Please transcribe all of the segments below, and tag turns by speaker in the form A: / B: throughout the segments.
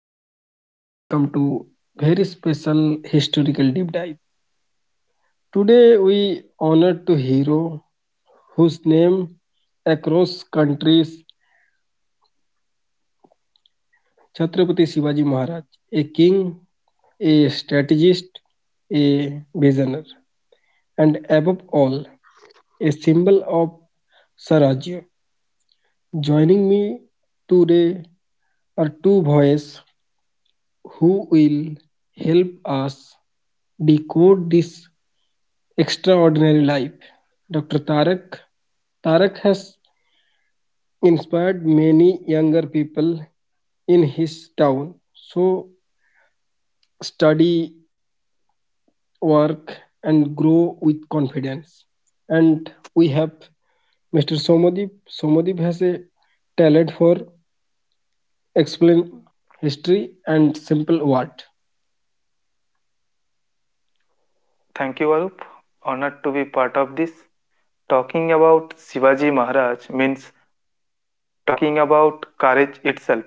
A: and welcome to very special historical deep dive. Today we honor to hero whose name across countries Chhatrapati Shivaji Maharaj, a king, a strategist, a visionary, and above all, a symbol of Sarajya. Joining me today are two boys who will help us decode this extraordinary life. Dr. Tarak has inspired many younger people in his town. So study, work, and grow with confidence. And we have Mr. Somodip. Somodip has a talent for explain history and simple word.
B: Thank you, Arup. Honored to be part of this. Talking about Shivaji Maharaj means talking about courage itself.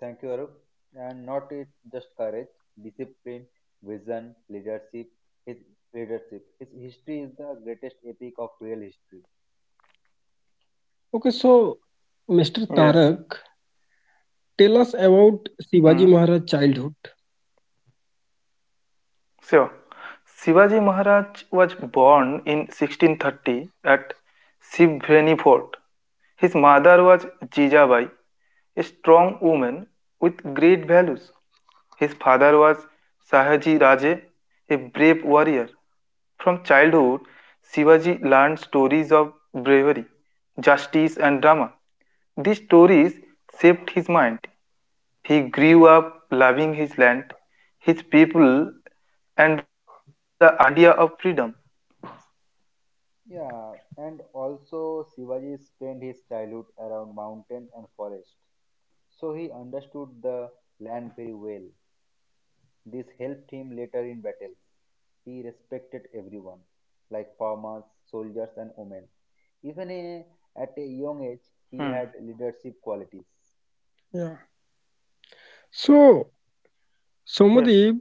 C: Thank you, Arup. And not it just courage, discipline, vision, leadership. His leadership. His history is the greatest epic of real history.
A: Okay, so Mr.
B: Yes.
A: Tarak, tell us about Shivaji
B: Hmm.
A: Maharaj childhood.
B: Sure. Shivaji Maharaj was born in 1630 at Shivveni Fort. His mother was Jijabai, a strong woman with great values. His father was Sahaji Raje, a brave warrior. From childhood, Shivaji learned stories of bravery, justice, and drama. These stories shaped his mind. He grew up loving his land, his people, and the idea of freedom.
C: Yeah, and also Shivaji spent his childhood around mountain and forest, so he understood the land very well. This helped him later in battles. He respected everyone, like farmers, soldiers, and women. Even at a young
B: Hmm.
C: age, he had leadership qualities.
A: Yeah. So,
B: Yes.
A: Somodip,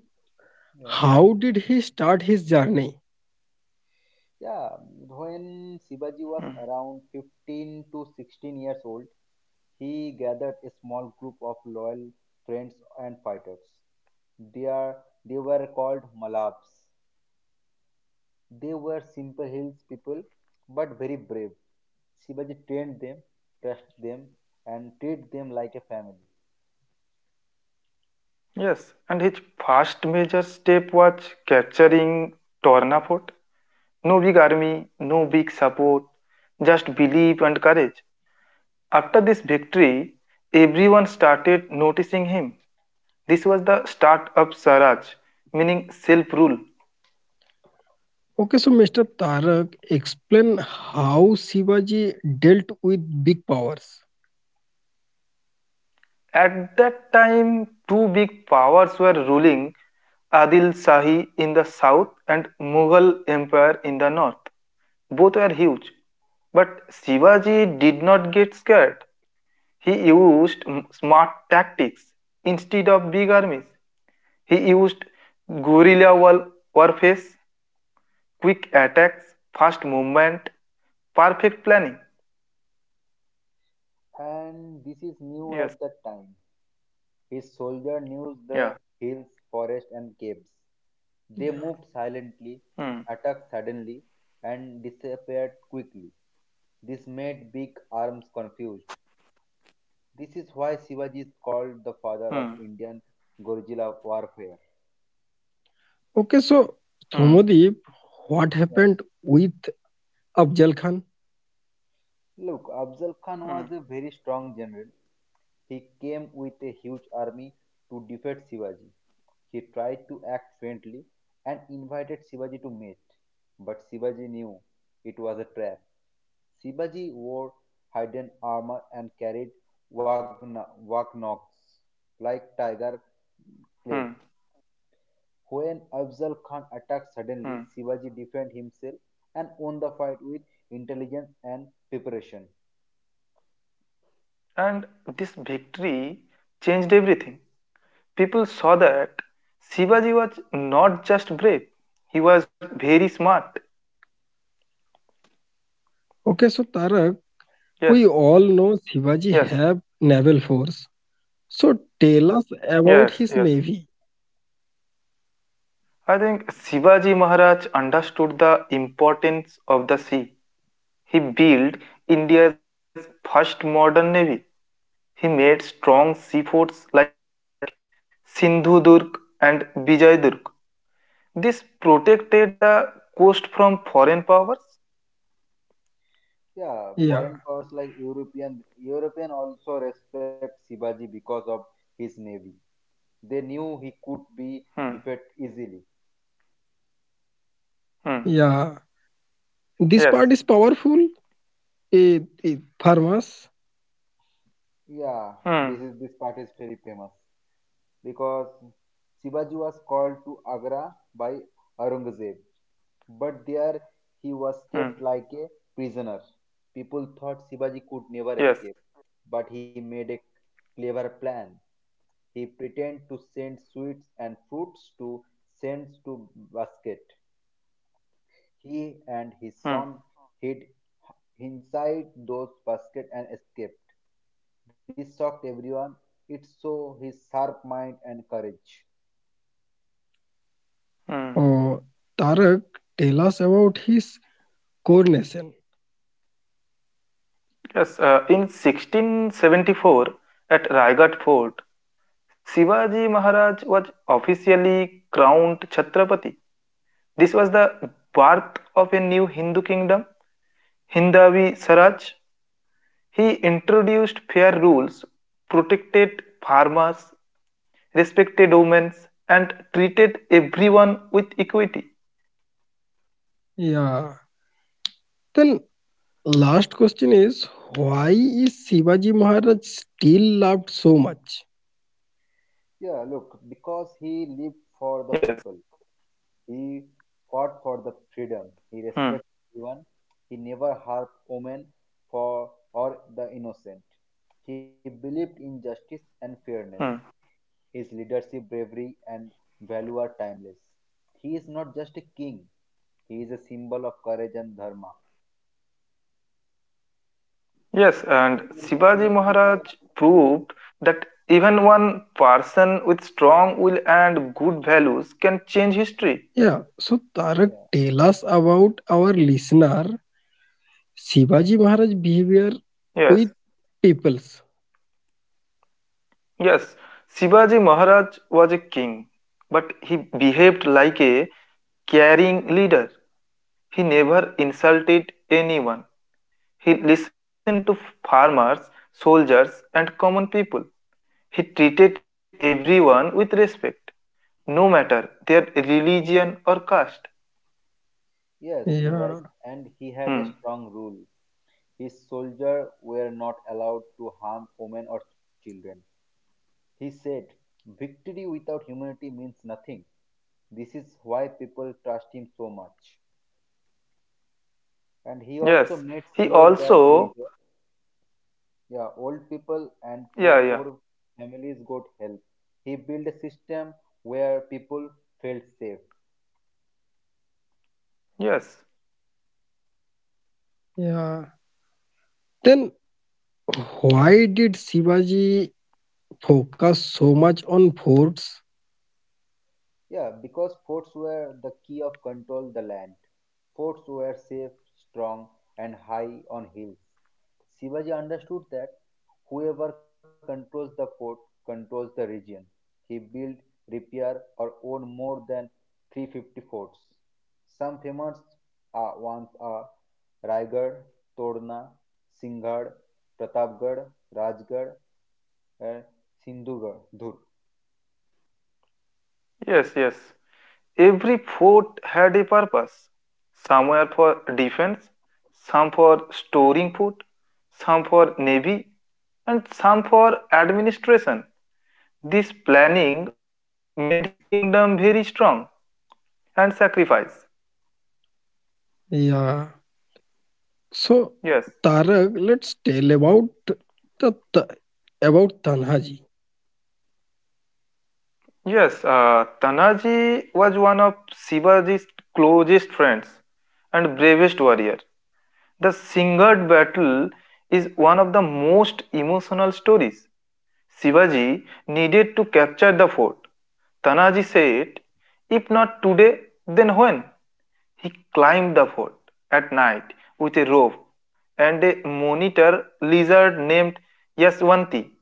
C: Yes.
A: how did he start his journey?
C: Yeah, when
B: Hmm.
C: Sivaji was around 15 to 16 years old, he gathered a small group of loyal friends and fighters. They, are, they were called Malabs. They were simple hills people but very brave. Sivaji trained them, trusted them, and treated them like a family.
B: Yes. And his first major step was capturing Torna Fort. No big army, no big support, just belief and courage. After this victory, everyone started noticing him. This was the start of Swaraj, meaning self rule.
A: Okay, so Mr. Tarak, explain how Shivaji dealt with big powers.
B: At that time, two big powers were ruling Adil Shahi in the south and Mughal Empire in the north. Both were huge. But Shivaji did not get scared. He used smart tactics instead of big armies. He used guerrilla war- warface, quick attacks, fast movement, perfect planning.
C: And this is new at
B: Yes.
C: that time. His soldiers knew the
B: Yeah.
C: hills, forests, and caves. They
A: Yeah.
C: moved silently,
B: Hmm.
C: attacked suddenly, and disappeared quickly. This made big arms confused. This is why Shivaji is called the
B: Hmm.
C: father of Indian guerrilla warfare.
A: Okay, so
B: Hmm.
A: Somadip, what
C: Yes.
A: happened with Afzal Khan?
C: Look, Afzal Khan
B: Hmm.
C: was a very strong general. He came with a huge army to defeat Shivaji. He tried to act friendly and invited Shivaji to meet, but Shivaji knew it was a trap. Shivaji wore hidden armor and carried wagnogs like tiger
B: Hmm.
C: claws. When Afzal Khan attacked
B: Hmm.
C: suddenly, Shivaji defended himself and won the fight with intelligence and preparation.
B: And this victory changed everything. People saw that Shivaji was not just brave, he was very smart.
A: Okay, so Tarak, we
B: Yes,
A: all know Shivaji
B: yes,
A: have naval force. So tell us about
B: yes,
A: his
B: yes.
A: navy.
B: I think Shivaji Maharaj understood the importance of the sea. He built India's first modern navy. He made strong seaforts like Sindhudurg and Vijayadurg. This protected the coast from foreign powers.
C: Yeah,
A: Yeah,
C: foreign powers like European also respect Shivaji because of his navy. They knew he could be defeated
B: Hmm.
C: easily.
B: Hmm.
A: yeah. This part is
B: Yes.
A: powerful. It farmers.
C: Yeah, this
B: Hmm.
C: part is very famous because Shivaji was called to Agra by Aurangzeb, but there he was kept
B: Hmm.
C: like a prisoner. People thought Shivaji could never escape,
B: Yes.
C: but he made a clever plan. He pretended to send sweets and fruits to send to basket. He and his
B: Hmm.
C: son hid inside those baskets and escaped. This shocked everyone. It showed his sharp mind and courage.
B: Hmm.
A: Oh, Tarak, tell us about his coronation.
B: Yes. In 1674, at Raigat Fort, Shivaji Maharaj was officially crowned Chhatrapati. This was
C: Mhm.
B: the birth of a new Hindu kingdom Hindavi Saraj. He introduced fair rules, protected farmers, respected women, and treated everyone with equity.
A: Yeah. Then last question is why is Shivaji Maharaj still loved so much?
C: Yeah, look, because he
B: Yes.
C: lived for the people, he fought for the
B: Hmm.
C: freedom, he respected everyone, he never harmed women for or the innocent. He believed in justice and fairness.
B: Hmm.
C: His leadership, bravery, and value are timeless. He is not just a king, he is a symbol of courage and dharma.
B: Yes, and Shivaji
C: Shivaji
B: Maharaj
C: Maharaj.
B: proved that even one person with strong will and good values can change history.
A: Yeah. So Tarak,
C: Yeah.
A: tell us about our listener Shivaji Maharaj behavior
B: Yes,
A: with peoples.
B: yes. Shivaji Maharaj was a king, but he behaved like a caring leader. He never insulted anyone. He listened to farmers, soldiers, and common people. He treated everyone with respect, no matter their religion or caste.
C: Yes, you're right.
A: Yeah.
C: And he
B: Hmm.
C: had a strong rule. His soldiers were not allowed to harm women or children. He said, "Victory without humanity means nothing." This is why people trust him so much. And he also
B: Yes.
C: made
B: He
C: sure that we,
B: also.
C: yeah, old people and
B: Yeah,
C: poor
B: yeah.
C: families got help. He built a system where people felt safe.
B: Yes.
A: Yeah. Then why did Shivaji focus so much on forts?
C: Yeah, because forts were the key of control the land. Forts were safe, strong, and high on hills. Shivaji understood that whoever controls the fort controls the region. He built, repaired, or owned more than 350 forts. Some famous ones are Raigad, Todna, Singhad, Pratapgarh, Rajgarh, and Sindhugarh. Dhur.
B: Yes. Every fort had a purpose. Some were for defense, some for storing food, some for navy, and some for administration. This planning made his kingdom very strong and sacrifice.
A: Yeah.
B: Yes.
A: So Tarak, let's tell about the about Tanhaji.
B: Yes, Tanaji was one of Shivaji's closest friends and bravest warrior. The Singed battle is one of the most emotional stories Shivaji needed to capture the fort. Tanaji said, If not today, then when? He climbed the fort at night with a rope and a monitor lizard named Yaswanti.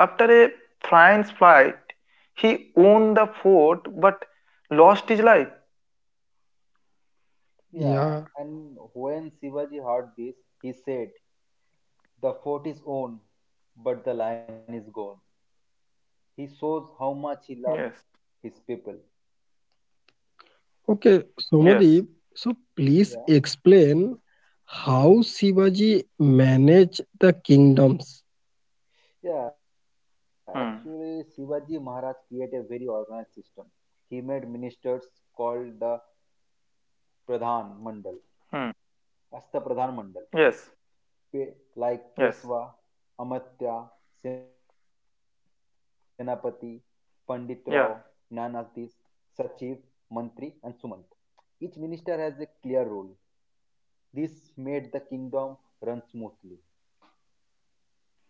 B: After a French flight, he won the fort but lost his life.
C: Yeah,
A: Yeah.
C: and when Shivaji heard this, he said, "The fort is own, but the lion is gone." He shows how much he loved
B: Yes,
C: his people.
A: Okay, Somadeep,
B: yes,
A: so please
C: Yeah,
A: explain how Shivaji managed the kingdoms.
C: yeah, actually, Shivaji
B: hmm,
C: Maharaj created a very organized system. He made ministers called the Pradhan Mandal,
B: hmm,
C: as the Pradhan Mandal.
B: yes,
C: Like
B: yes,
C: Peshwa, Amatya, Senapati, Pandit Rao, Nayanadis,
B: yeah.
C: Sachiv, Mantri, and Sumant. Each minister has a clear role. This made the kingdom run smoothly.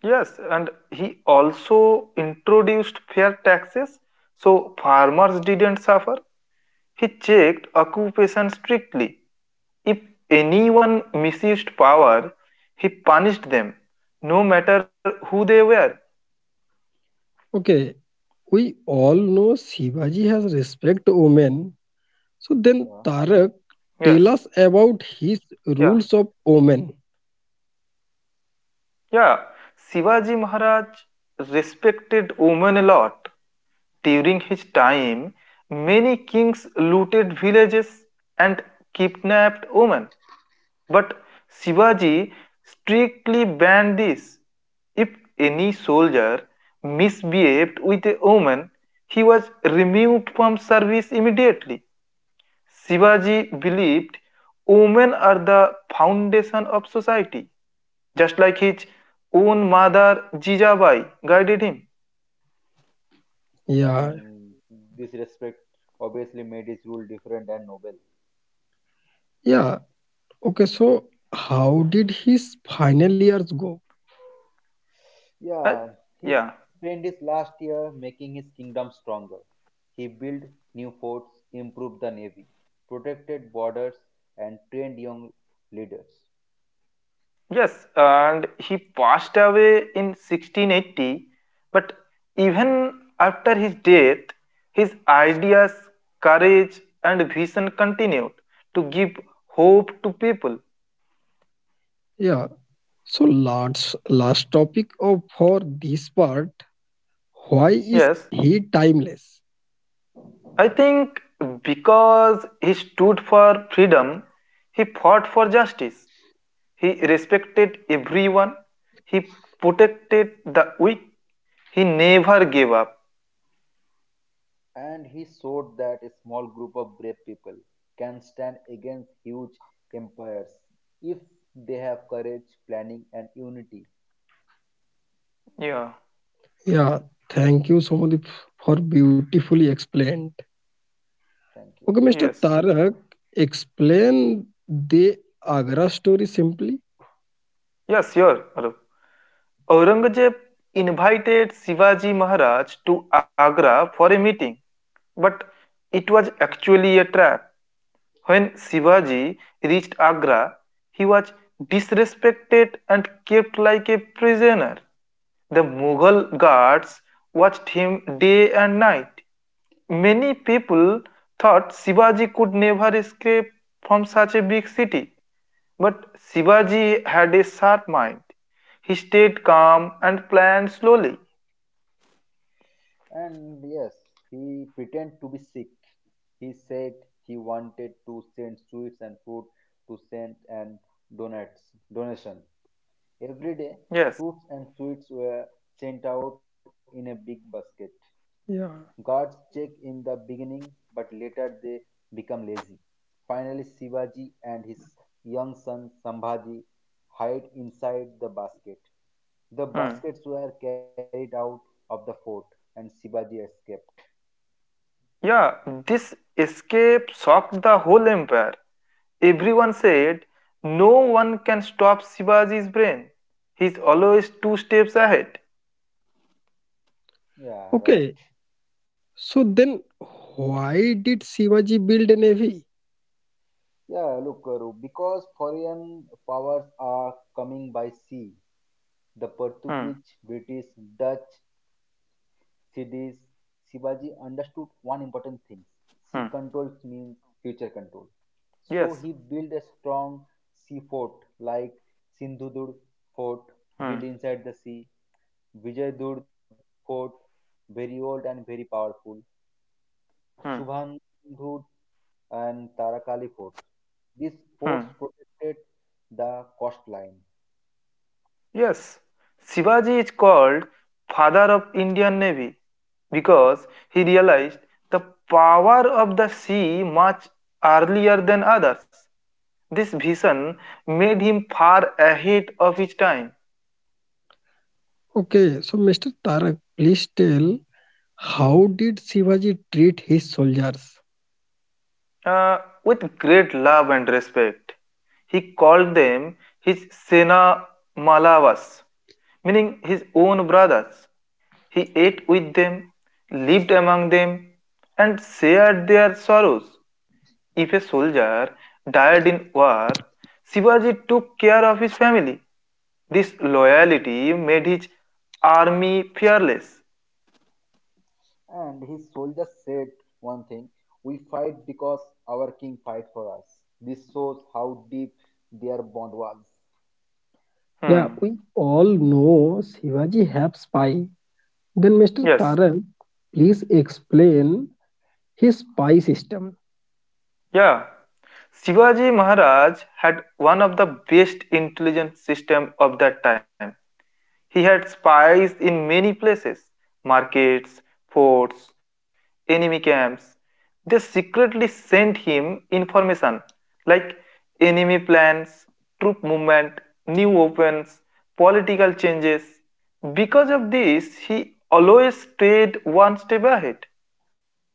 B: Yes, and he also introduced fair taxes so farmers didn't suffer. He checked occupation strictly. If anyone misused power, he punished them, no matter who they were.
A: Okay, we all know Shivaji has respect women. So then
C: Yeah.
A: Tarak,
B: Yes,
A: tell us about his
B: yeah,
A: rules of women.
B: yeah. Shivaji Maharaj respected women a lot. During his time, many kings looted villages and kidnapped women. But Shivaji strictly banned this. If any soldier misbehaved with a woman, he was removed from service immediately. Shivaji believed women are the foundation of society, just like his own mother Jijabai guided him.
A: Yeah,
C: And this respect obviously made his rule different and noble.
A: yeah. Okay, so how did his final years go?
B: Uh,
C: Yeah, he
B: yeah.
C: spent his last year making his kingdom stronger. He built new forts, improved the navy, protected borders, and trained young leaders.
B: Yes, and he passed away in 1680, but even after his death, his ideas, courage, and vision continued to give hope to people.
A: Yeah. So last topic of for this part, why is
B: Yes,
A: he timeless?
B: I think because he stood for freedom, he fought for justice, he respected everyone, he protected the weak, he never gave up.
C: And he showed that a small group of brave people can stand against huge empires if they have courage, planning, and unity.
B: Yeah,
A: Yeah, thank you, Somadip, for beautifully explained.
C: Thank you.
A: Okay, Mr.
B: yes,
A: Tarak, explain the Agra story simply.
B: yes, sure. Arup. Aurangzeb invited Shivaji Maharaj to Agra for a meeting, but it was actually a trap. When Shivaji reached Agra, he was disrespected and kept like a prisoner. The Mughal guards watched him day and night. Many people thought Shivaji could never escape from such a big city. But Shivaji had a sharp mind. He stayed calm and planned slowly.
C: And yes, he pretended to be sick. He said he wanted to send sweets and food to Saint and donates donation. Every day,
B: Yes.
C: fruits and sweets were sent out in a big basket.
A: Yeah.
C: Guards check in the beginning, but later they become lazy. Finally, Shivaji and his young son Sambhaji hide inside the basket. The
B: Hmm.
C: baskets were carried out of the fort, and Shivaji escaped.
B: Yeah, this escape shocked the whole empire. Everyone said, No one can stop Shivaji's brain. He's always two steps ahead.
C: Yeah, right.
A: Okay, so then why did Shivaji build a navy?
C: Yeah, look, Karu, because foreign powers are coming by sea, the
B: Hmm.
C: Portuguese, British, Dutch cities, Shivaji understood one important thing. Sea control
B: Hmm.
C: means future control. So he
B: Yes.
C: built a strong sea fort like Sindhudur fort built
B: Hmm.
C: inside the sea, Vijaydur fort very old and very powerful,
B: Hmm.
C: Subhandhud and Tarakali fort. These forts
B: Hmm.
C: protected the coastline.
B: Yes, Shivaji is called father of Indian Navy because he realized the power of the sea much earlier than others. This vision made him far ahead of his time.
A: Okay, so Mr. Tarak, please tell how did Shivaji treat his soldiers?
B: Uh, with great love and respect, he called them his Sena Malavas, meaning his own brothers. He ate with them, lived among them, and shared their sorrows. If a soldier died in war, Shivaji took care of his family. This loyalty made his army fearless.
C: And his soldiers said one thing: "We fight because our king fight for us." This shows how deep their bond was.
A: Yeah,
B: Hmm.
A: we all know Shivaji have spy. Then Mr.
B: Yes.
A: Tarak, please explain his spy system.
B: Yeah. Shivaji Maharaj had one of the best intelligence system of that time. He had spies in many places markets, forts, enemy camps. They secretly sent him information like enemy plans, troop movement, new weapons, political changes. Because of this, he always stayed one step ahead.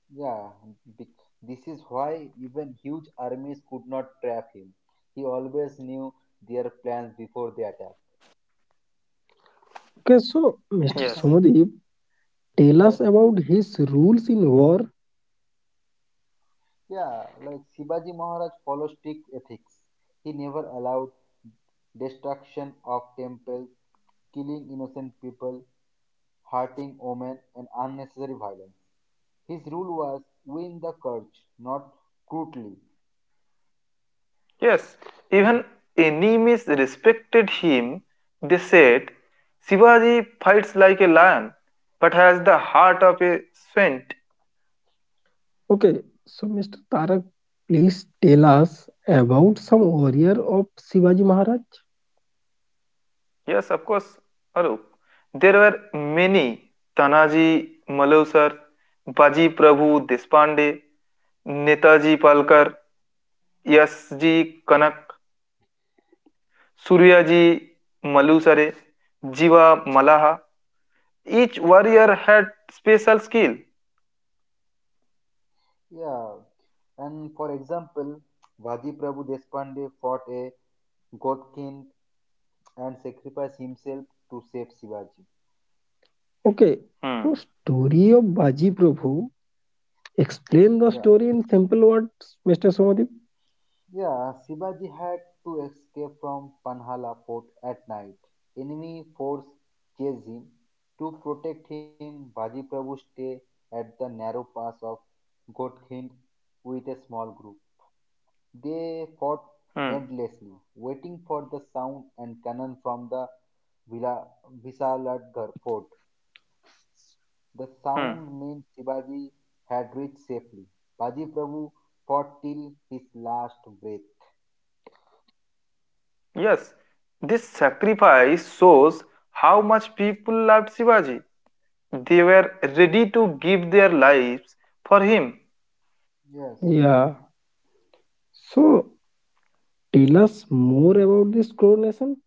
C: Yeah, be- this is why even huge armies could not trap him. He always knew their plans before they attack.
A: Okay, so
B: Yes.
A: Mr. Somadeep, tell
C: Yes.
A: us about his rules in war.
C: Yeah, like Sibaji Maharaj follows strict ethics. He never allowed destruction of temples, killing innocent people, hurting women, and unnecessary violence. His rule was win the courage, not crudely.
B: Yes, even enemies respected him. They said, Shivaji fights like a lion but has the heart of a saint.
A: Okay, so Mr. Tarak, please tell us about some warrior of Shivaji Maharaj.
B: Yes, of course, Arup. There were many Tanaji, Malousar, Baji Prabhu Deshpande, Netaji Palkar, Yasji Kanak, Suryaji Malusare, Jiva Malaha. Each warrior had special skill.
C: Yeah, and for example, Vaji Prabhu Deshpande fought a Godkin and sacrificed himself to save Shivaji.
A: Okay, so
B: Hmm,
A: story of Baji Prabhu. Explain
C: Yeah,
A: the story in simple words, Mr. Somadeep.
C: yeah, Shivaji had to escape from Panhala fort at night. Enemy force chased him. To protect him, Vaji Prabhu stayed at the narrow pass of Godkind with a small group. They fought
B: hmm.
C: endlessly, waiting for the sound and cannon from the Vila- Visaladgar fort. The sound
B: Hmm.
C: meant Shivaji had reached safely. Baji Prabhu fought till his last breath.
B: Yes, this sacrifice shows how much people loved Shivaji. They were ready to give their lives for him.
C: Yes,
A: Yeah. So tell us more about this coronation.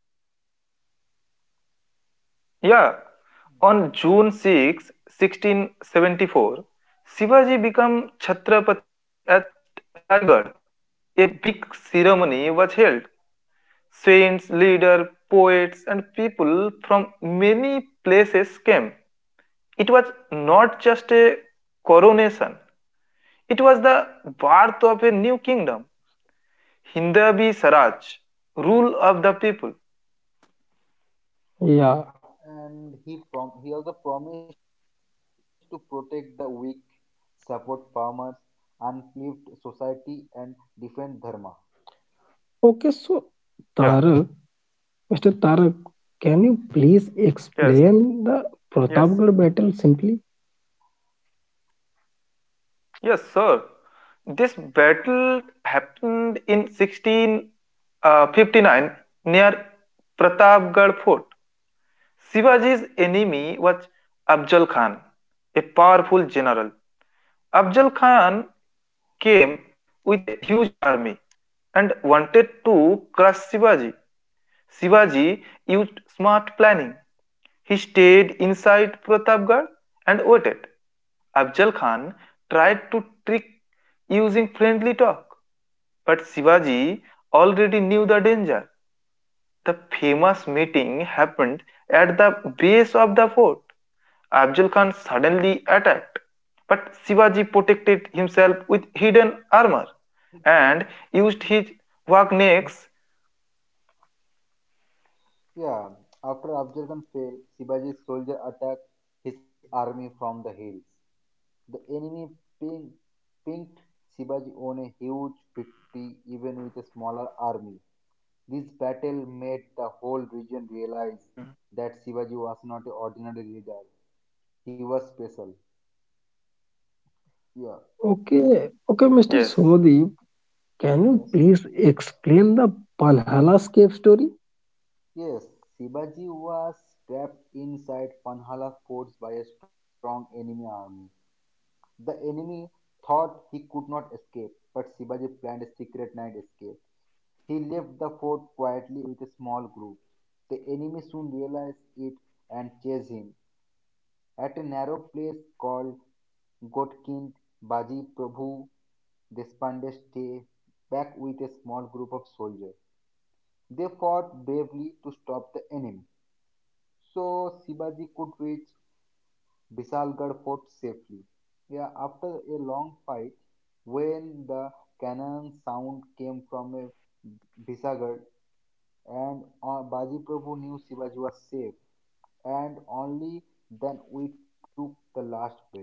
B: Yeah, on June 6, 1674, Shivaji became Chhatrapati at Raigad. A big ceremony was held. Saints, leaders, poets, and people from many places came. It was not just a coronation, it was the birth of a new kingdom, Hindabi Saraj, rule of the people.
A: Yeah.
C: and he also promised to protect the weak, support farmers, uplift society, and defend dharma.
A: Okay, so
B: Yeah,
A: Tarak, Mr. Tarak, can you please
B: yes,
A: explain the
B: yes,
A: Pratapgarh battle simply?
B: yes, sir. This battle happened in 1659 near Pratapgarh Fort. Shivaji's enemy was Abjal Khan, a powerful general. Abjal Khan came with a huge army and wanted to crush Shivaji. Shivaji used smart planning. He stayed inside Pratapgarh and waited. Abjal Khan tried to trick using friendly talk, but Shivaji already knew the danger. The famous meeting happened at the base of the fort. Abjal Khan suddenly attacked, but Shivaji protected himself with hidden armor and used his wagnecks.
C: Yeah, after Afzal Khan fell, Shivaji's soldier attacked his army from the hills. The enemy pin- pinned Shivaji on a huge victory even with a smaller army. This battle made the whole region realize that Shivaji was not an ordinary leader. He was special. Yeah.
A: Okay,
B: Yes.
A: okay, Mr. Somadeep, can you
C: Yes.
A: please explain the Panhala cave story?
C: Yes, Shivaji was trapped inside Panhala forts by a strong enemy army. The enemy thought he could not escape, but Shivaji planned a secret night escape. He left the fort quietly with a small group. The enemy soon realized it and chased him. At a narrow place called Gotkind, Baji Prabhu Despande stayed back with a small group of soldiers. They fought bravely to stop the enemy, so Shivaji could reach Bisalgarh fort safely. Yeah, after a long fight, when the cannon sound came from a Bisagar, and Baji Prabhu knew Shivaji was safe, and only then we took the last breath.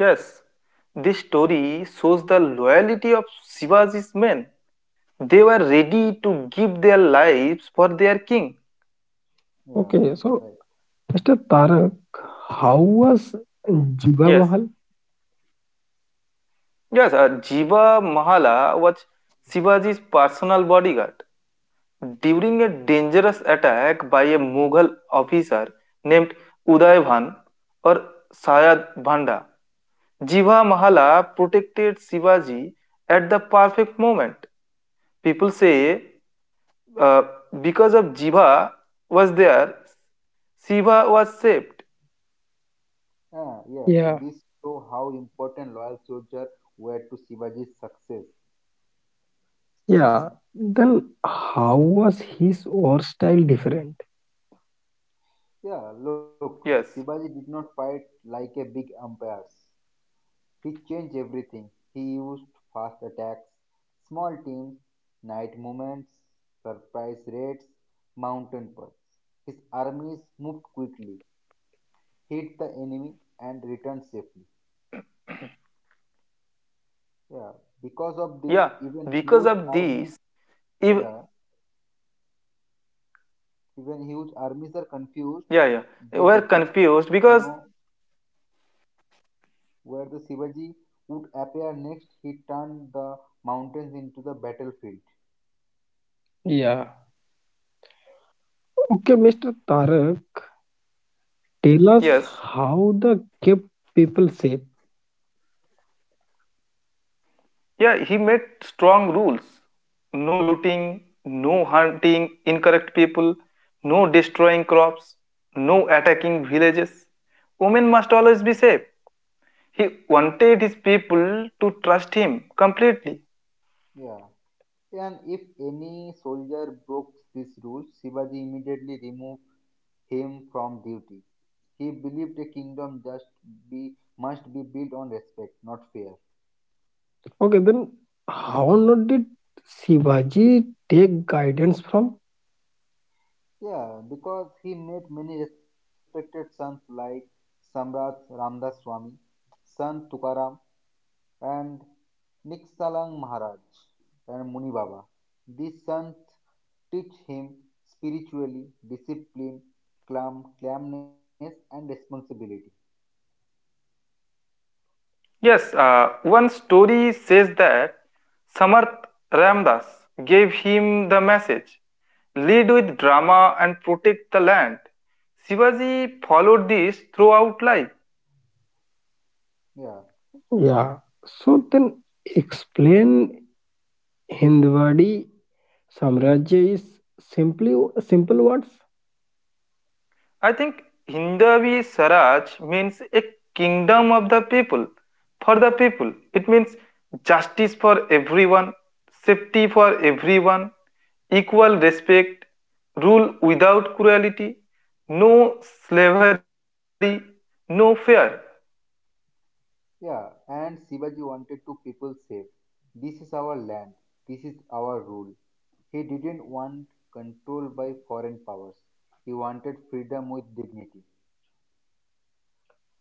B: Yes, this story shows the loyalty of Shivaji's men. They were ready to give their lives for their king.
C: Yes,
A: Okay, so
C: right.
A: Mr. Tarak, how was Jiva
B: Yes,
A: Mahal?
B: yes, Jiva Mahala was Shivaji's personal bodyguard. During a dangerous attack by a Mughal officer named Uday Bhan or Sayad Bhanda, Jiva Mahala protected Shivaji at the perfect moment. People say uh, because of Jiva was there, Shiva was saved.
C: Ah, yes, this
A: Yeah,
C: show how important loyal soldiers were to Shivaji's success.
A: yeah, then how was his war style different?
C: Yeah, look, Shivaji did not
B: Yes.
C: fight like a big umpire. He changed everything. He used fast attacks, small teams, night movements, surprise raids, mountain paths. His armies moved quickly, hit the enemy and return safely. Yeah. Because of
B: Yeah.
C: this, even
B: Because of
C: huge
B: these,
C: armies,
B: if
C: yeah, even huge armies are confused.
B: yeah,
C: They did
B: they
C: not
B: were confused
C: know
B: because
C: where the Shivaji would appear next. He turned the mountains into the battlefield.
A: Yeah. Okay, Mr. Tarak, tell us how the
B: yes,
A: kept people safe.
B: yeah, he made strong rules: no looting, no hunting incorrect people, no destroying crops, no attacking villages. Women must always be safe. He wanted his people to trust him completely.
C: Yeah. And if any soldier broke this rule, Shivaji immediately removed him from duty. He believed a kingdom just be must be built on respect, not fear.
A: Okay, then how not did Shivaji take guidance from?
C: Yeah, because he made many respected sons like Samrat Ramdas Swami, Sant Tukaram, and Niksalang Maharaj and Muni Baba. These sons teach him spiritually discipline, calmness, and responsibility.
B: Yes, one story says that Samarth Ramdas gave him the message lead with drama and protect the land. Shivaji followed this throughout life.
C: Yeah.
A: Yeah, so then explain हिंदवाड़ी साम्राज्य is simply simple words.
B: I think Hindavi Saraj means a kingdom of the people, for the people. It means justice for everyone, safety for everyone, equal respect, rule without cruelty, no slavery, no fear.
C: Yeah, and Shivaji wanted to people safe. This is our land, this is our rule. He didn't want control by foreign powers. He wanted freedom with dignity.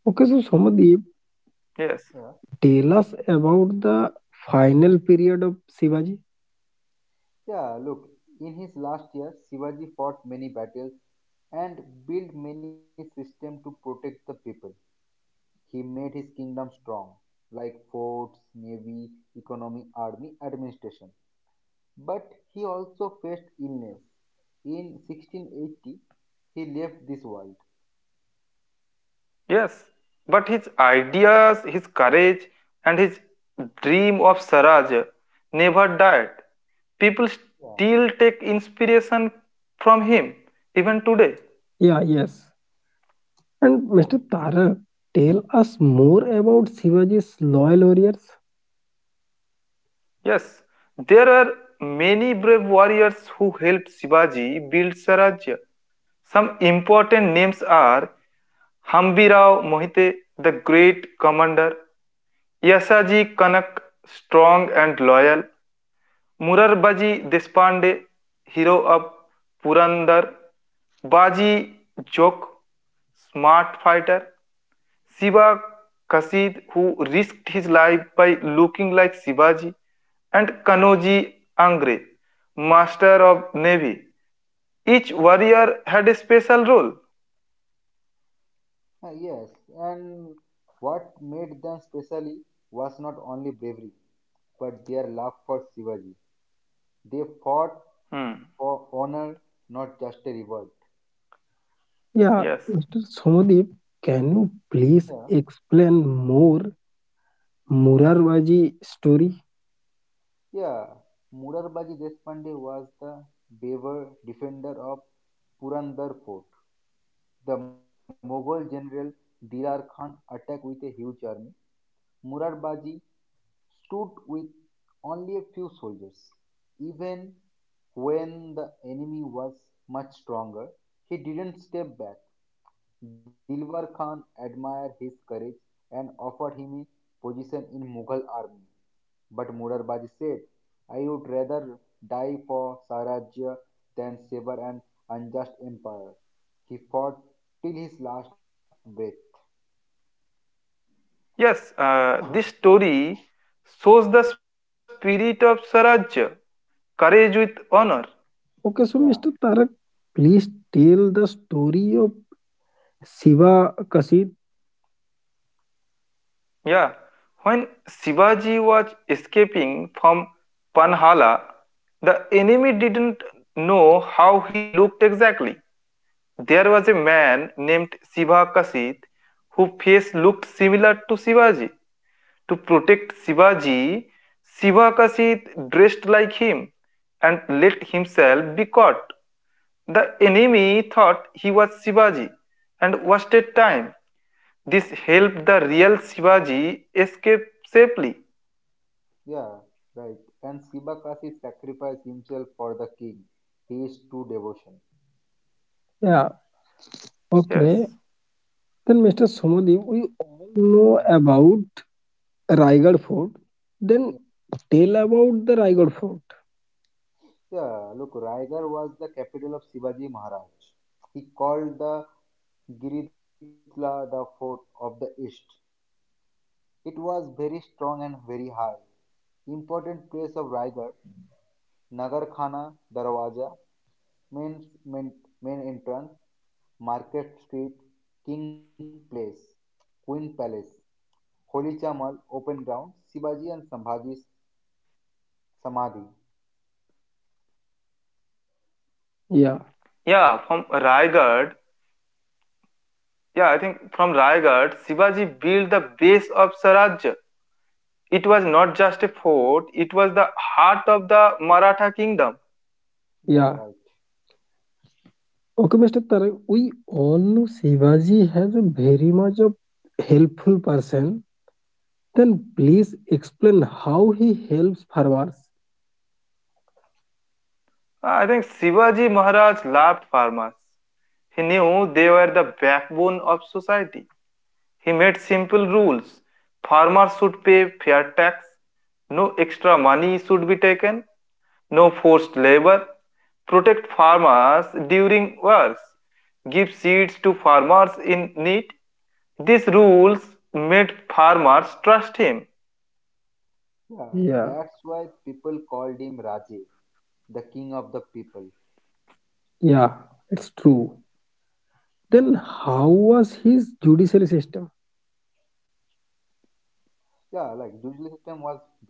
A: Okay, so Samadip,
B: Yes,
C: Yeah.
A: tell us about the final period of Shivaji.
C: Yeah, look, in his last year, Shivaji fought many battles and built many systems to protect the people. He made his kingdom strong, like forts, navy, economy, army, administration. But he also faced illness. In 1680, he left this world.
B: yes. But his ideas, his courage, and his dream of Saraj never died. People
C: Yeah.
B: still take inspiration from him even today.
A: Yeah, yes.
C: Yeah.
A: And Mr. Tarak, tell us more about Shivaji's loyal warriors.
B: Yes, there are many brave warriors who helped Shivaji build Sarajya. Some important names are Hambirao Mohite, the great commander, Yasaji Kanak, strong and loyal, Murarbaji Deshpande, hero of Purandar, Baji Jok, smart fighter, Shiva Kasid, who risked his life by looking like Shivaji, and Kanoji Angre, master of navy. Each warrior had a special role.
C: Yes, and what made them specially was not only bravery, but their love for Shivaji. They fought
B: Hmm,
C: for honor, not just a revolt.
A: Yeah,
B: Yes,
A: Mr. Samadip, can you
C: Yeah,
A: please explain more Murarvaji story?
C: yeah. Murarbaji Deshpande was the braver defender of Purandar Fort. The Mughal general Dilar Khan attacked with a huge army, Murarbaji stood with only a few soldiers. Even when the enemy was much stronger, he didn't step back. Dilwar Khan admired his courage and offered him a position in Mughal army. But Murarbaji said, "I would rather die for Sarajya than sever an unjust empire." He fought till his last breath.
B: yes. uh, this story shows the spirit of Sarajya, courage with honor.
A: Okay, so
C: Yeah.
A: Mr. Tarak, please tell the story of Shiva Kasid.
B: Yeah. When Shivaji was escaping from Panhala, the enemy didn't know how he looked exactly. There was a man named Siva Kasit whose face looked similar to Shivaji. To protect Shivaji, Siva Kasit dressed like him and let himself be caught. The enemy thought he was Shivaji and wasted time. This helped the real Shivaji escape safely.
C: Yeah, right. And Sibakasi sacrificed himself for the king. He is true devotion.
A: Yeah,
B: Yes.
A: okay. Then Mr. Somadev, we all
C: Yeah.
A: know about Raigad Fort. Then
C: Yeah.
A: tell about the Raigad Fort.
C: Yeah, look, Raigarh was the capital of Shivaji Maharaj. He called the Giritla the fort of the east. It was very strong and very high. Important place of Raigarh, Nagarkhana Darwaja, main, main, main entrance, Market Street, King Place, Queen Palace. Holi Mall open ground, Shivaji and Sambhaji's Samadhi.
A: Yeah,
B: Yeah, from Raigad. Yeah, I think from Raigad, Shivaji built the base of Swaraj it was not just a fort, it was the heart of the Maratha kingdom.
C: Yeah,
A: yeah.
C: right.
A: Okay, Mr. Tarak, we all know Shivaji has a very much of helpful person. Then please explain how he helps farmers.
B: I think Shivaji Maharaj loved farmers. He knew they were the backbone of society. He made simple rules. Farmers should pay fair tax. No extra money should be taken. No forced labor. Protect farmers during wars. Give seeds to farmers in need. These rules made farmers trust him.
C: Yeah,
A: Yeah,
C: that's why people called him Raje, the king of the people.
A: yeah, it's true.
C: Yeah,
A: Then how was his judicial system?
C: yeah, like judicial system was very fair.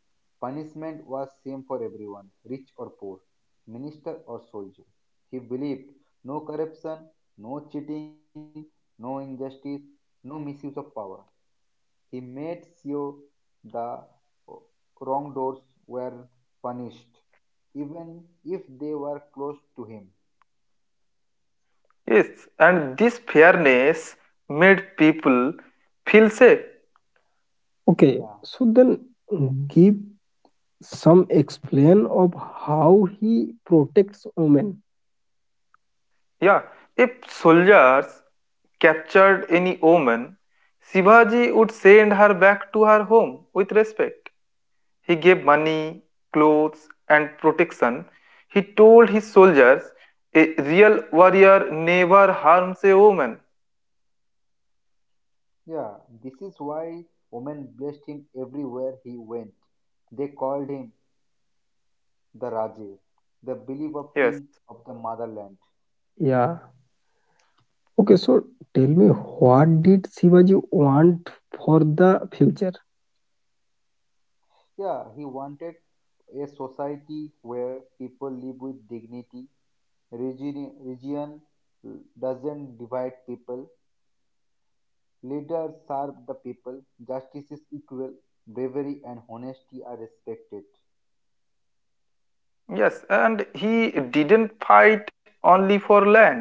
C: Punishment was same for everyone, rich or poor, minister or soldier. He believed no corruption, no cheating, no injustice, no misuse of power. He made sure the wrongdoers were punished, even if they were close to him.
B: Yes, and this fairness made people feel safe.
C: Yeah,
A: Okay, so then give some explain of how he protects women.
B: Yeah, if soldiers captured any woman, Shivaji would send her back to her home with respect. He gave money, clothes, and protection. He told his soldiers, a real warrior never harms a woman.
C: yeah. This is why women blessed him everywhere he went. They called him the Raja, the believer king
B: Yes,
C: of the motherland.
A: Yeah. Okay, so tell me what did Shivaji want for the future?
C: Yeah, he wanted a society where people live with dignity. Region doesn't divide people. Leaders serve the people, justice is equal, bravery and honesty are respected.
B: yes, and he didn't fight only for land,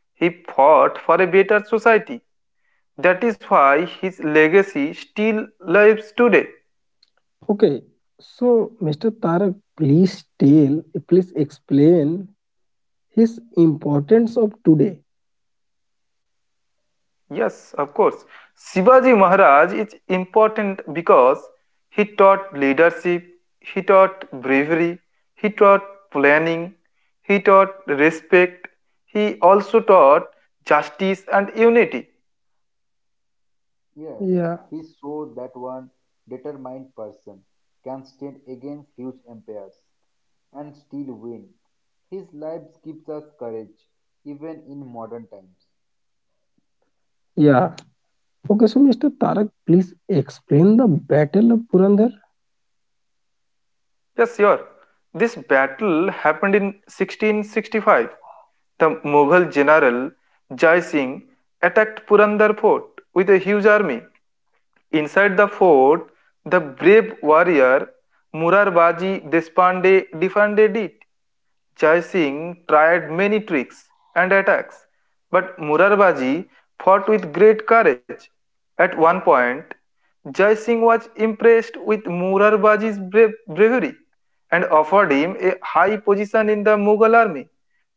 B: he fought for a better society. That is why his legacy still lives today.
A: Okay, so Mr. Tarak, please explain his importance of today.
B: Yes, of course. Shivaji Maharaj is important because he taught leadership, he taught bravery, he taught planning, he taught respect, he also taught justice and unity.
C: Yes, he
A: Yeah,
C: showed that one determined person can stand against huge empires and still win. His life gives us courage, even in modern times.
A: yeah. Okay, so Mr. Tarak, please explain the Battle of Purandar.
B: Yes, sure. This battle happened in 1665. The Mughal general Jai Singh attacked Purandar fort with a huge army. Inside the fort, the brave warrior Murarbaji Deshpande defended it. Jai Singh tried many tricks and attacks, but Murarbaji fought with great courage. At one point, Jai Singh was impressed with Murarbaji's bravery and offered him a high position in the Mughal army.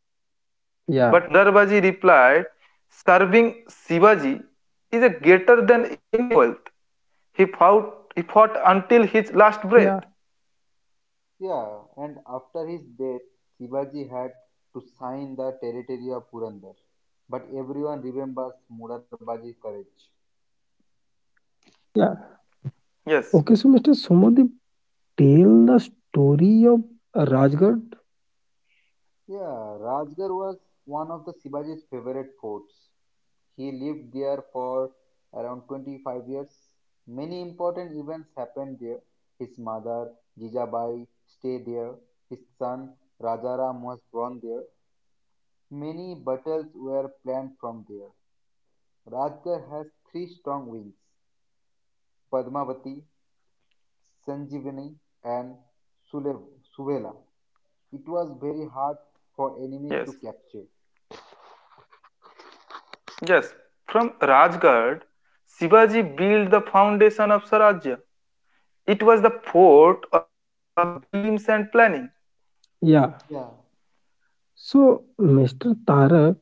B: But Murarbaji
A: Yeah.
B: replied, Serving Shivaji is a greater than any wealth. He fought until his last breath.
A: Yeah,
C: Yeah, and after his death, Shivaji had to sign the territory of Purandar. But everyone remembers Murarbaji's courage.
A: yeah.
B: Yes,
A: Okay, so Mr. Somadip, tell the story of Rajgarh.
C: Yeah, Rajgarh was one of the Shivaji's favorite forts. He lived there for around 25 years. Many important events happened there. His mother, Jijabai, stayed there. His son, Rajaram, was born there. Many battles were planned from there. Rajgarh has three strong wings: Padmavati, Sanjivani, and Sule- Suvela. It was very hard for enemies
B: yes.
C: to capture.
B: Yes, from Rajgarh, Shivaji built the foundation of Swarajya. It was the fort of dreams and planning.
A: Yeah.
C: Yeah,
A: So, Mr. Tarak,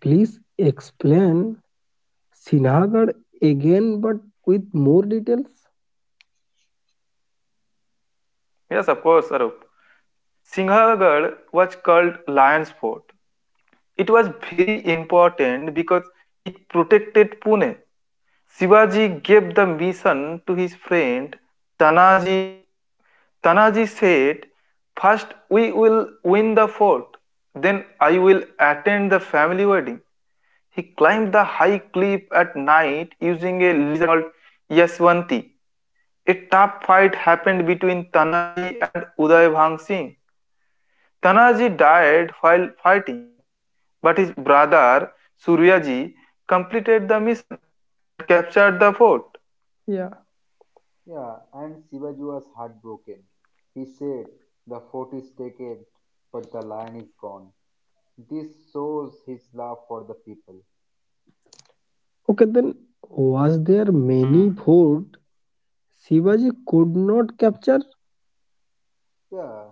A: please explain Sinhagad again, but with more details?
B: Yes, of course, Arup. Singhagarh was called Lion's Fort. It was very important because it protected Pune. Shivaji gave the mission to his friend Tanaji. Tanaji said, "First, we will win the fort, then, I will attend the family wedding. He climbed the high cliff at night using a lizard called Yaswanti. A tough fight happened between Tanaji and Uday Bhang Singh. Tanaji died while fighting, but his brother Suryaji completed the mission and captured the fort.
A: Yeah.
C: Yeah, and Shivaji was heartbroken. He said, the fort is taken, but the lion is gone. This shows his love for the people.
A: Okay, then was there many
B: Hmm.
A: fort Shivaji could not capture?
C: Yeah,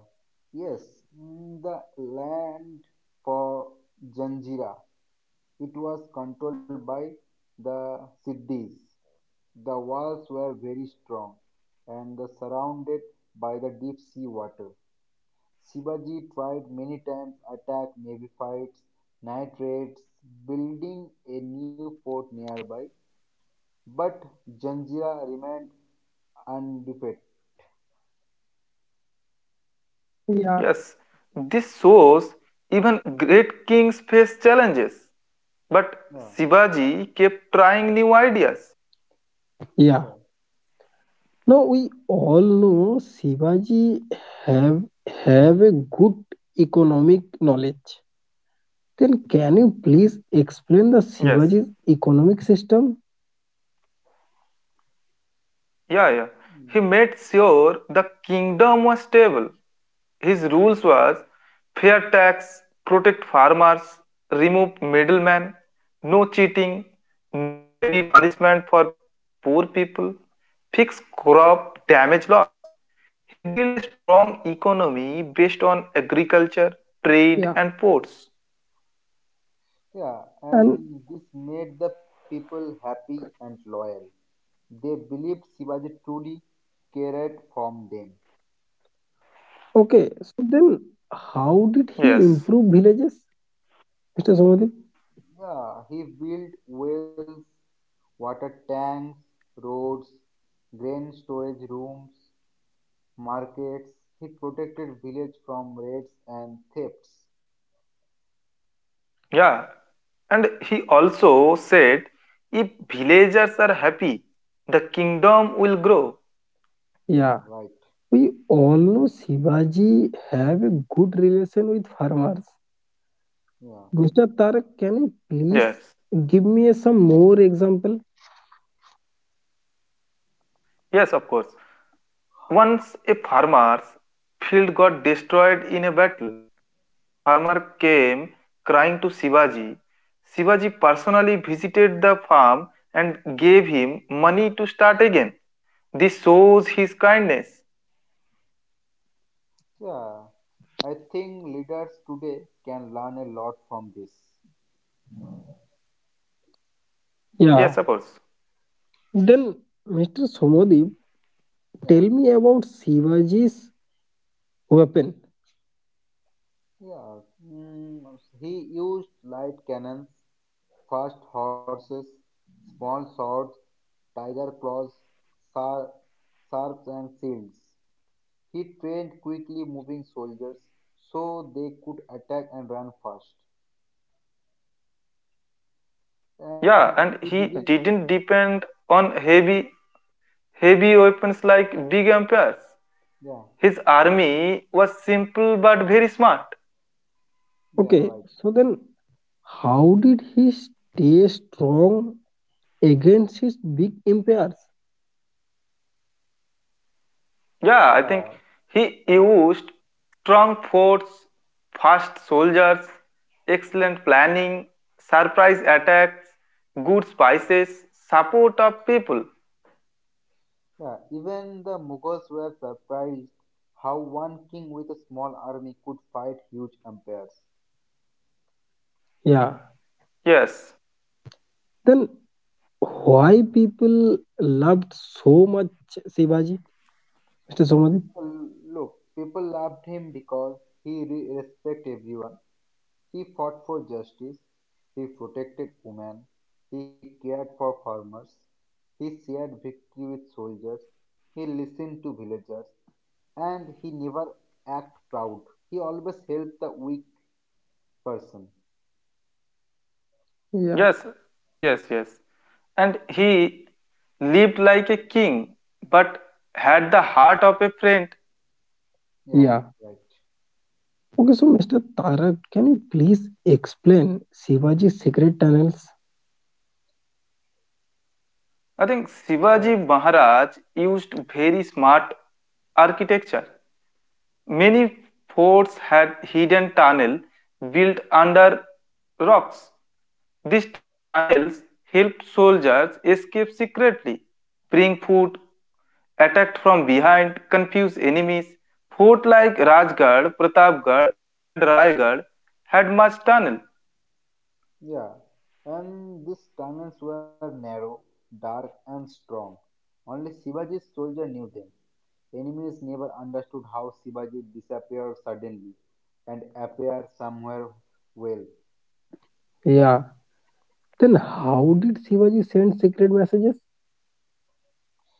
C: yes, the land for Janjira. It was controlled by the Siddhis. The walls were very strong and the surrounded by the deep sea water. Shivaji tried many times attack navy fights, night raids, building a new fort nearby, but Janjira remained undefeated.
A: Yeah.
B: Yes, this shows even great kings face challenges, but
C: Yeah,
B: Shivaji kept trying new ideas.
C: yeah.
A: Yeah. Now we all know Shivaji have have a good economic knowledge. Then can you please explain the
B: Yes.
A: Shivaji's economic system?
B: Yeah, yeah. He
C: Mm.
B: made sure the kingdom was stable. His rules was fair tax, protect farmers, remove middlemen, no cheating, no heavy punishment for poor people, fix crop damage loss. He built a strong economy based on agriculture, trade
A: Yeah.
B: and ports.
C: Yeah,
A: And
C: and this made the people happy and loyal. They believed Shivaji truly cared from them.
A: okay, so then how did
B: Yes.
A: he improve villages, Mr. Somadip?
C: Yeah, he built wells, water tanks, roads, grain storage rooms, markets. It protected village from raids and thefts.
B: Yeah, and he also said, if villagers are happy, the kingdom will grow.
C: Yeah,
A: Yeah.
C: right.
A: We all know Shivaji have a good relation with farmers.
C: Yeah,
A: Gustav Tarak, can you
B: Yes,
A: please give me some more example?
B: yes, of course. Once a farmer's field got destroyed in a battle, the farmer came crying to Shivaji. Shivaji personally visited the farm and gave him money to start again. This shows his kindness.
C: yeah. I think leaders today can learn a lot from this.
B: Yes, of
A: Yeah.
B: course.
A: Then, Mr. Somodip,
C: Yeah,
A: tell me about Shivaji's weapon.
C: yeah. Mm, he used light cannons, fast horses, small swords, tiger claws, sar- sarps, and shields. He trained quickly moving soldiers so they could attack and run fast.
B: Yeah,
C: And he
B: and he
C: didn't,
B: didn't depend on heavy weapons like big empires.
C: yeah.
B: His army was simple but very smart.
C: Yeah,
A: Okay,
C: right.
A: so then how did he stay strong against his big empires?
B: Yeah, I think
C: Yeah,
B: he used strong forts, fast soldiers, excellent planning, surprise attacks, good spices, support of people.
C: yeah. Even the Mughals were surprised how one king with a small army could fight huge empires.
A: Yeah.
B: Yes,
A: Then why people loved so much Shivaji, Mr. Somodip?
C: Look, people loved him because he respected everyone. He fought for justice. He protected women. He cared for farmers. He shared victory with soldiers. He listened to villagers. And he never act proud. He always helped the weak person.
B: yes,
A: Yeah.
B: yes, yes. And he lived like a king but had the heart of a friend.
A: Yeah.
C: Yeah, right.
A: Okay, so Mr. Tarak, can you please explain Shivaji's secret tunnels?
B: I think
C: Yes.
B: Shivaji Maharaj used very smart architecture. Many forts had hidden tunnels built under rocks. These tunnels helped soldiers escape secretly, bring food, attacked from behind, confuse enemies. Forts like Rajgarh, Pratapgarh, and Raigarh had much tunnel.
C: Yeah, and these tunnels were narrow, dark, and strong. Only Shivaji's soldier knew them. Enemies never understood how Shivaji disappeared suddenly and appeared somewhere well.
A: Yeah. Then how did Shivaji send secret messages?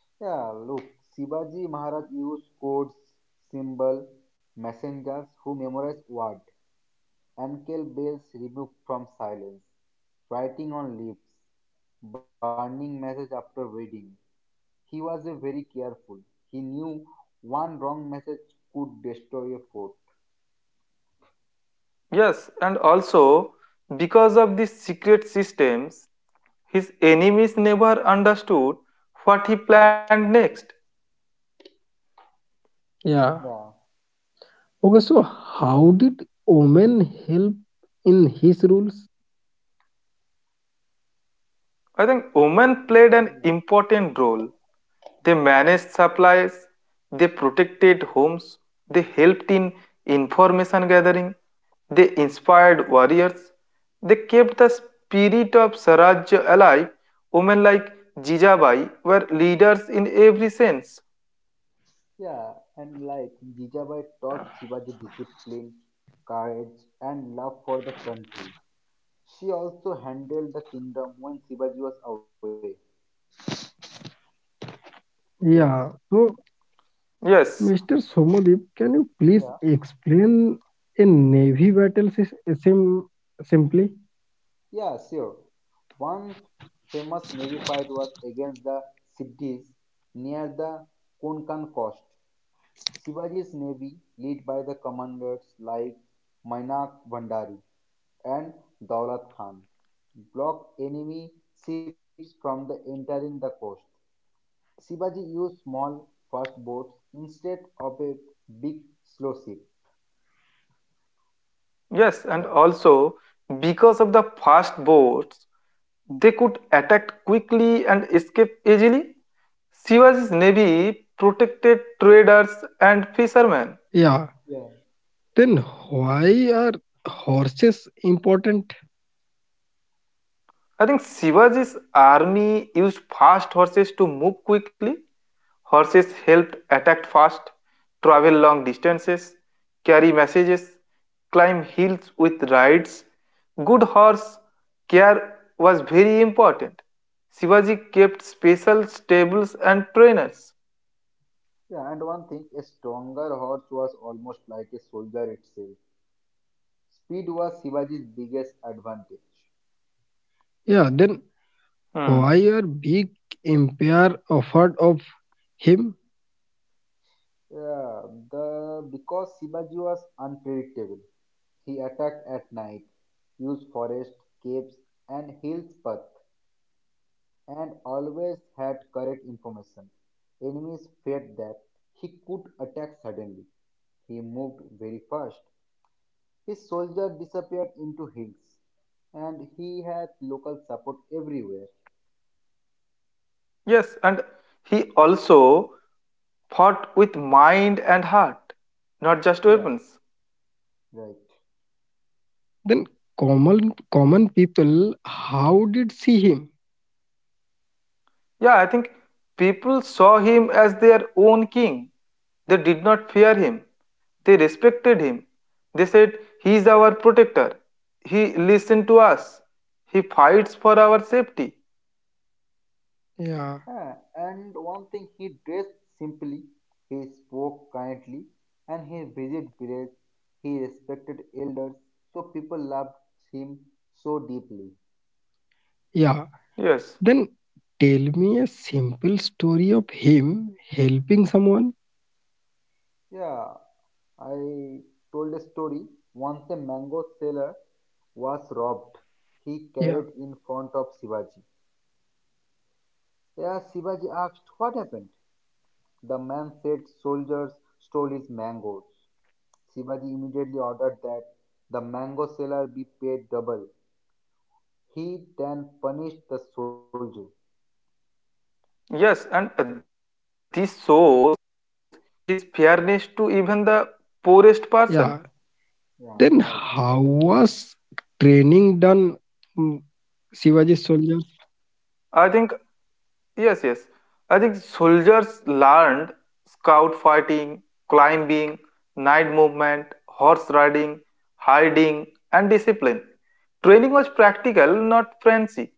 C: Yeah, look, Shivaji Maharaj used codes, symbol, messengers who memorized word, ankle bells removed from silence, writing on lips, burning message after reading. He was a very careful. He knew one wrong message could destroy a fort.
B: Yes, and also because of these secret systems, his enemies never understood what he planned next.
A: Yeah.
C: Yeah,
A: Okay, so how did Omen help in his rules?
B: I think women
C: yeah,
B: played an important role. They managed supplies, they protected homes, they helped in information gathering, they inspired warriors, they kept the spirit of Sarajya alive. Women like Jijabai were leaders in every sense.
C: yeah. And like Jijabai taught Shivaji discipline, courage, and love for the country. She also handled the kingdom when Shivaji was away. Yes,
A: Yeah. So,
B: Yes,
A: Mr. Somadip, can you please
C: yeah,
A: explain a navy battle sim- simply?
C: yeah, sure. One famous navy fight was against the Siddhis near the Konkan coast. Shivaji's navy, led by the commanders like Mainak Bhandari and Daulat Khan, blocked enemy ships from the entering the coast. Shivaji used small fast boats instead of a big slow ship.
B: yes, and
C: Yeah.
B: also because of the fast boats, they could attack quickly and escape easily. Shivaji's navy protected traders and fishermen.
A: Yeah.
C: Yeah.
A: Then why are horses important?
B: I think Shivaji's army used fast horses to move quickly. Horses helped attack fast, travel long distances, carry messages, climb hills with rides. Good horse care was very important. Shivaji kept special stables and trainers.
C: Yeah, and one thing, a stronger horse was almost like a soldier itself. Speed was Shivaji's biggest advantage.
A: Yeah. Then
B: Hmm.
A: why are big empire afraid of him?
C: Yeah, the because Shivaji was unpredictable. He attacked at night, used forest, caves, and hills path, and always had correct information. Enemies feared that he could attack suddenly. He moved very fast. His soldiers disappeared into hills, and he had local support everywhere.
B: Yes, and he also fought with mind and heart, not just
C: Yeah,
B: weapons.
C: right.
A: Then common people how did see him?
B: Yeah, I think people saw him as their own king. They did not fear him, they respected him. They said, he is our protector. He listens to us. He fights for our safety.
A: Yeah.
C: Yeah, and one thing, he dressed simply, he spoke kindly, and he visited villages. He respected elders, so people loved him so deeply.
A: Yeah, then
B: Yes,
A: tell me a simple story of him helping someone.
C: Yeah, I told a story. Once a mango seller was robbed. He
A: Yeah,
C: carried in front of Shivaji. Yeah, Shivaji asked, what happened? The man said, soldiers stole his mangoes." Shivaji immediately ordered that the mango seller be paid double. He then punished the soldier.
B: yes, and this shows his fairness to even the poorest person.
A: yeah. Then
C: Yeah, right.
A: how was training done, mm, Shivaji soldier?
B: I think yes, yes. I think soldiers learned scout fighting, climbing, night movement, horse riding, hiding, and discipline. Training was practical, not fancy.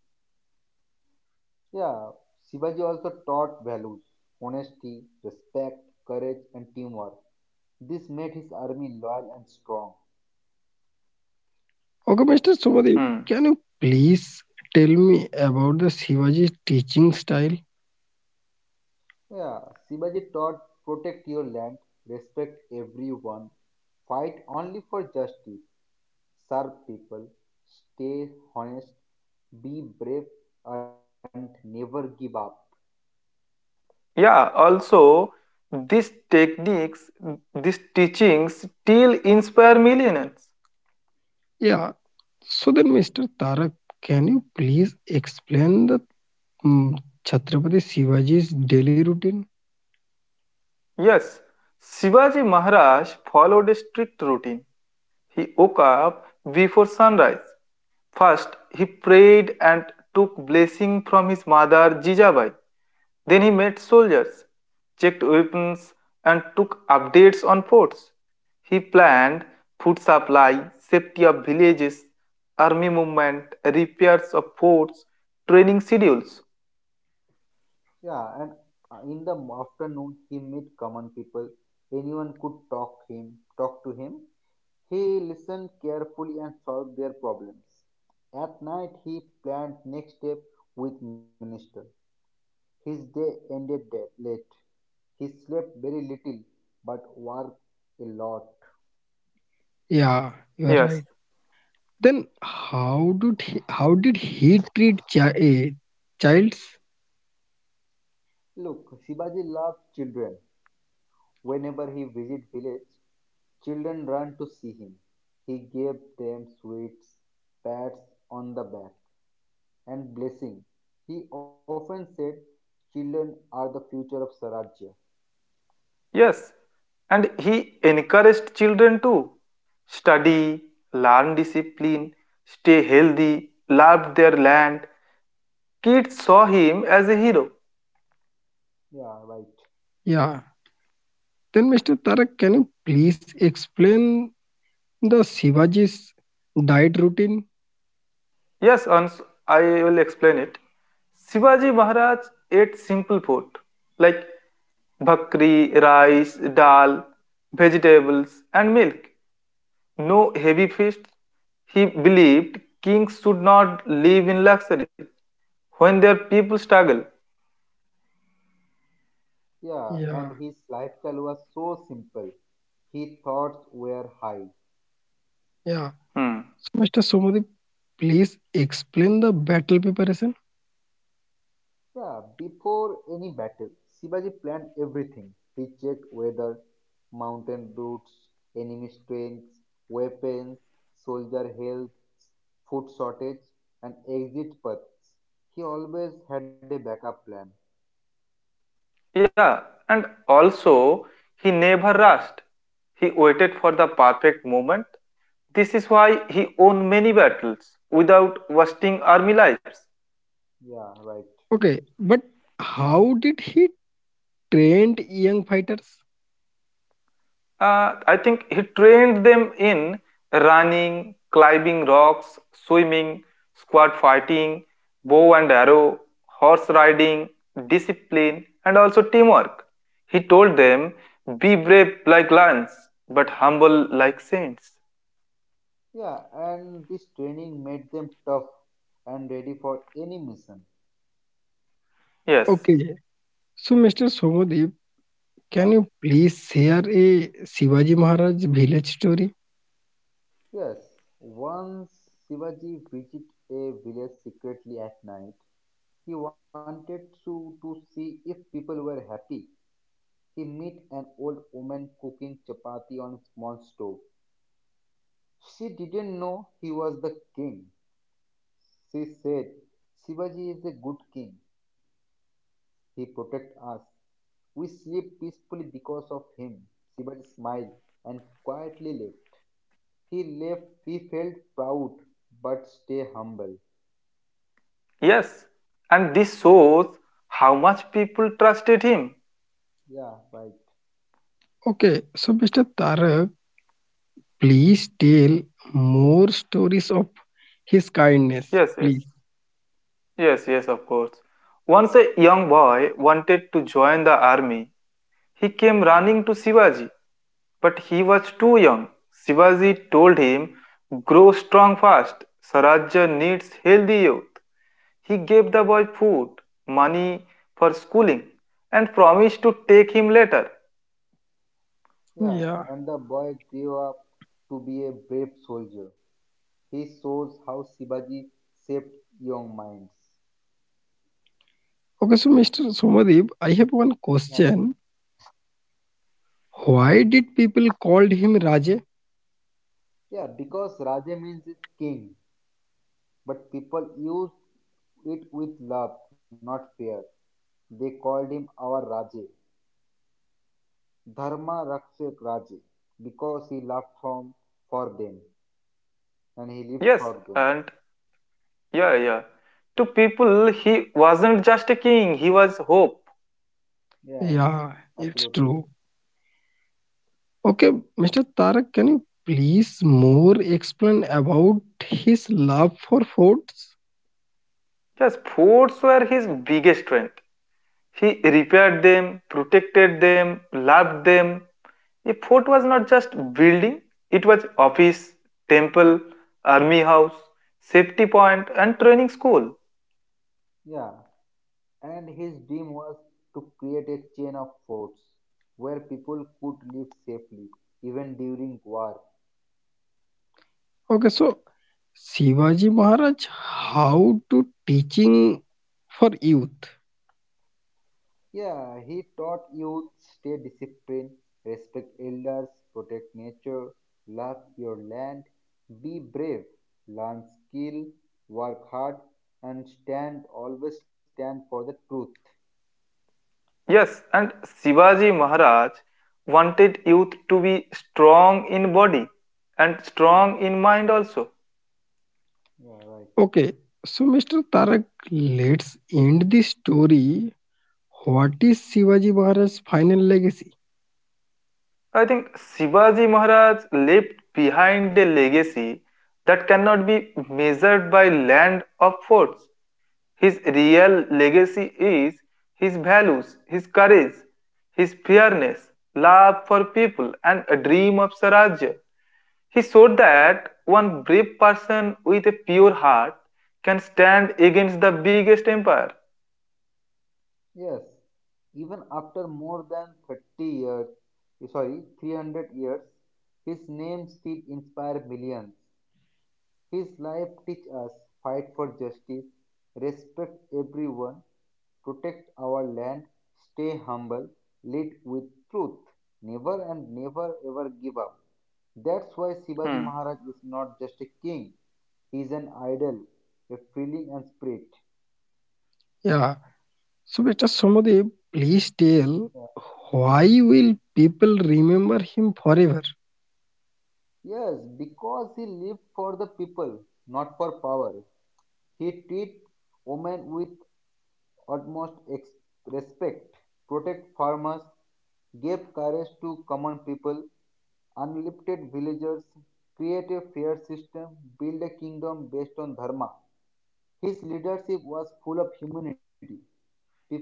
C: Yeah, Shivaji also taught values: honesty, respect, courage, and teamwork. This made his army loyal and strong.
A: Okay, Mr. Somadev,
B: Hmm.
A: can you please tell me about the Shivaji teaching style?
C: Yeah, Shivaji taught: protect your land, respect everyone, fight only for justice, serve people, stay honest, be brave, and never give up.
B: Yeah, also, these techniques, these teachings still inspire millions.
A: Yeah. So then, Mr. Tarak, can you please explain the mm, Chhatrapati Shivaji's daily routine?
B: Yes, Shivaji Maharaj followed a strict routine. He woke up before sunrise. First, he prayed and took blessing from his mother Jijabai. Then he met soldiers, checked weapons, and took updates on forts. He planned food supply, safety of villages, army movement, repairs of forts, training schedules.
C: Yeah, and in the afternoon he met common people. Anyone could talk to him. He listened carefully and solved their problems. At night he planned next step with minister. His day ended late. He slept very little but worked a lot.
A: Yeah, you are right.
B: Yes.
A: Then how did he treat childs?
C: Look, Shivaji loved children. Whenever he visit village, children run to see him. He gave them sweets, pats on the back. And blessing. He often said, children are the future of Sarajya.
B: Yes, and he encouraged children to study, learn discipline, stay healthy, love their land. Kids saw him as a hero.
C: Yeah, right.
A: Yeah. Then, Mr. Tarak, can you please explain the Shivaji's diet routine?
B: Yes, Ans, I will explain it. Shivaji Maharaj ate simple food like bhakri, rice, dal, vegetables, and milk. No heavy feasts. He believed kings should not live in luxury when their people struggle.
C: Yeah, and
A: Yeah,
C: his lifestyle was so simple. His thoughts were high.
A: yeah.
B: Hmm.
A: So, Mr. Somodi, please explain the battle preparation.
C: Yeah, before any battle, Shivaji planned everything. He checked weather, mountain routes, enemy strengths, weapons, soldier health, food shortage, and exit paths. He always had a backup plan.
B: Yeah, and also he never rushed. He waited for the perfect moment. This is why he won many battles without wasting army lives.
C: Yeah, right.
A: Okay, but how did he trained young fighters?
B: I think he trained them in running, climbing rocks, swimming, squad fighting, bow and arrow, horse riding, discipline, and also teamwork. He told them, be brave like lions, but humble like saints.
C: Yeah, and this training made them tough and ready for any mission.
B: Yes.
A: Okay. So, Mr. Somadev,
C: Uh,
A: can you please share a Shivaji Maharaj village story?
C: yes, once Shivaji visited a village secretly at night, he wanted to, see if people were happy. He met an old woman cooking chapati on a small stove. She didn't know he was the king. She said, Shivaji is a good king. He protects us. We sleep peacefully because of him. Shivaji smiled and quietly left. He left, he felt proud but stay humble.
B: Yes, and this shows how much people trusted him.
C: Yeah, right.
A: Okay. So, Mr. Tarak, please tell more stories of his kindness,
B: Yes, yes,
A: please.
B: yes, yes, of course. Once a young boy wanted to join the army, he came running to Shivaji, but he was too young. Shivaji told him, grow strong fast, Sarajya needs healthy youth. He gave the boy food, money for schooling, and promised to take him later.
C: Yeah,
A: Yeah.
C: and the boy grew up to be a brave soldier. He shows how Shivaji shaped young minds.
A: Okay. So, Mr. Somadev, I have one
C: Yeah,
A: question. Why did people called him Raje?
C: yeah, because Raja means is king, but people used it with love, not fear. They called him our Raja. Dharma Rakshak Raji, because he loved from for them and he
B: Yes,
C: lived for
B: and
C: them.
B: yeah, yeah. To people, he wasn't just a king, he was hope.
C: Yes,
A: Yeah, it's
C: absolutely.
A: true. Okay, Mr. Tarak, can you please more explain about his love for forts?
B: Yes, forts were his biggest strength. He repaired them, protected them, loved them. A fort was not just building, it was office, temple, army house, safety point, and training school.
C: Yeah. And his dream was to create a chain of forts where people could live safely even during war.
A: Okay, so Shivaji Maharaj, how to teaching for youth.
C: Yeah, he taught youth stay disciplined, respect elders, protect nature, love your land, be brave, learn skill, work hard, and stand always stand for the truth.
B: Yes, and Shivaji Maharaj wanted youth to be strong in body and
C: Yeah,
B: strong in mind also.
C: yeah, right.
A: Okay, so Mr. Tarak, let's end the story. What is Shivaji Maharaj's final legacy?
B: I think Shivaji Maharaj left behind a legacy that cannot be measured by land or forts. His real legacy is his values, his courage, his fairness, love for people, and a dream of Swarajya. He showed that one brave person with a pure heart can stand against the biggest empire.
C: Yes, even after more than 30 years, sorry, 300 years, his name still inspires millions. His life teaches us fight for justice, respect everyone, protect our land, stay humble, lead with truth, never ever give up. That's why Shivaji
B: Hmm.
C: Maharaj is not just a king, he is an idol, a feeling and spirit.
A: Yeah. So Mr. Somadev, please
C: Yeah.
A: tell why will people remember him forever?
C: Yes, because he lived for the people, not for power. He treats women with utmost ex- respect, protects farmers, gave courage to common people, uplifted villagers, created a fair system, built a kingdom based on dharma. His leadership was full of humanity. People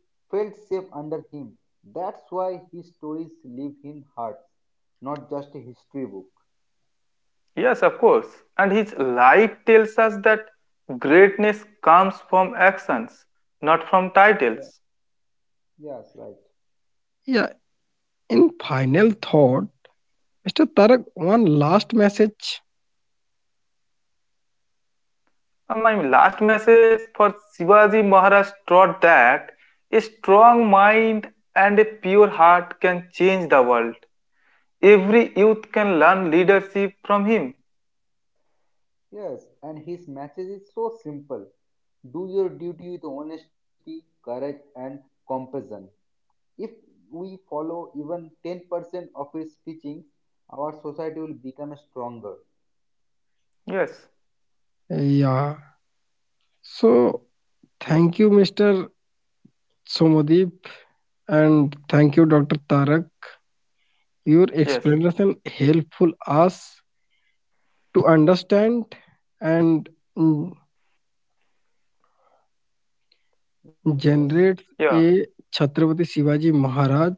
C: felt safe under him. That's why his stories live in hearts, not just a history book.
B: Yes, of course. And his life tells us that greatness comes from actions, not from
C: Yeah,
B: titles.
C: yes, right.
A: Yeah. In final thought, Mr. Tarak, one last message.
B: And my last message for Shivaji Maharaj taught that a strong mind and a pure heart can change the world. Every youth can learn leadership from him.
C: Yes, and his message is so simple: do your duty with honesty, courage, and compassion. If we follow even 10% of his teachings, our society will become stronger.
B: Yes,
A: Yeah. So thank you, Mr. Somadev. And thank you, Dr. Tarak. Your explanation
B: yes,
A: helpful us to understand and mm,
C: Yes,
A: generate a
B: yeah,
A: Chhatrapati Shivaji Maharaj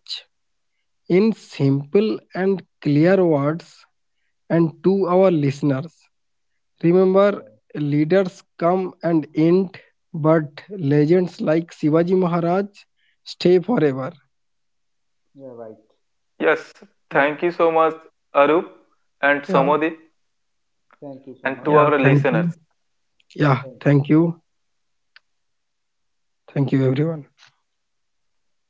A: in simple and clear words and to our listeners. Remember,
C: yeah,
A: leaders come and end, but legends like Shivaji Maharaj stay forever.
C: yeah, right.
B: yes.
A: Yeah,
B: Thank you so much, Arup and
A: yeah,
B: Samodip,
C: Thank you so
B: and
C: much.
B: to
A: yeah.
B: our
A: Thank you.
B: listeners.
A: Yeah,
C: Thank you.
A: thank you. Thank you, everyone.
C: Thank you.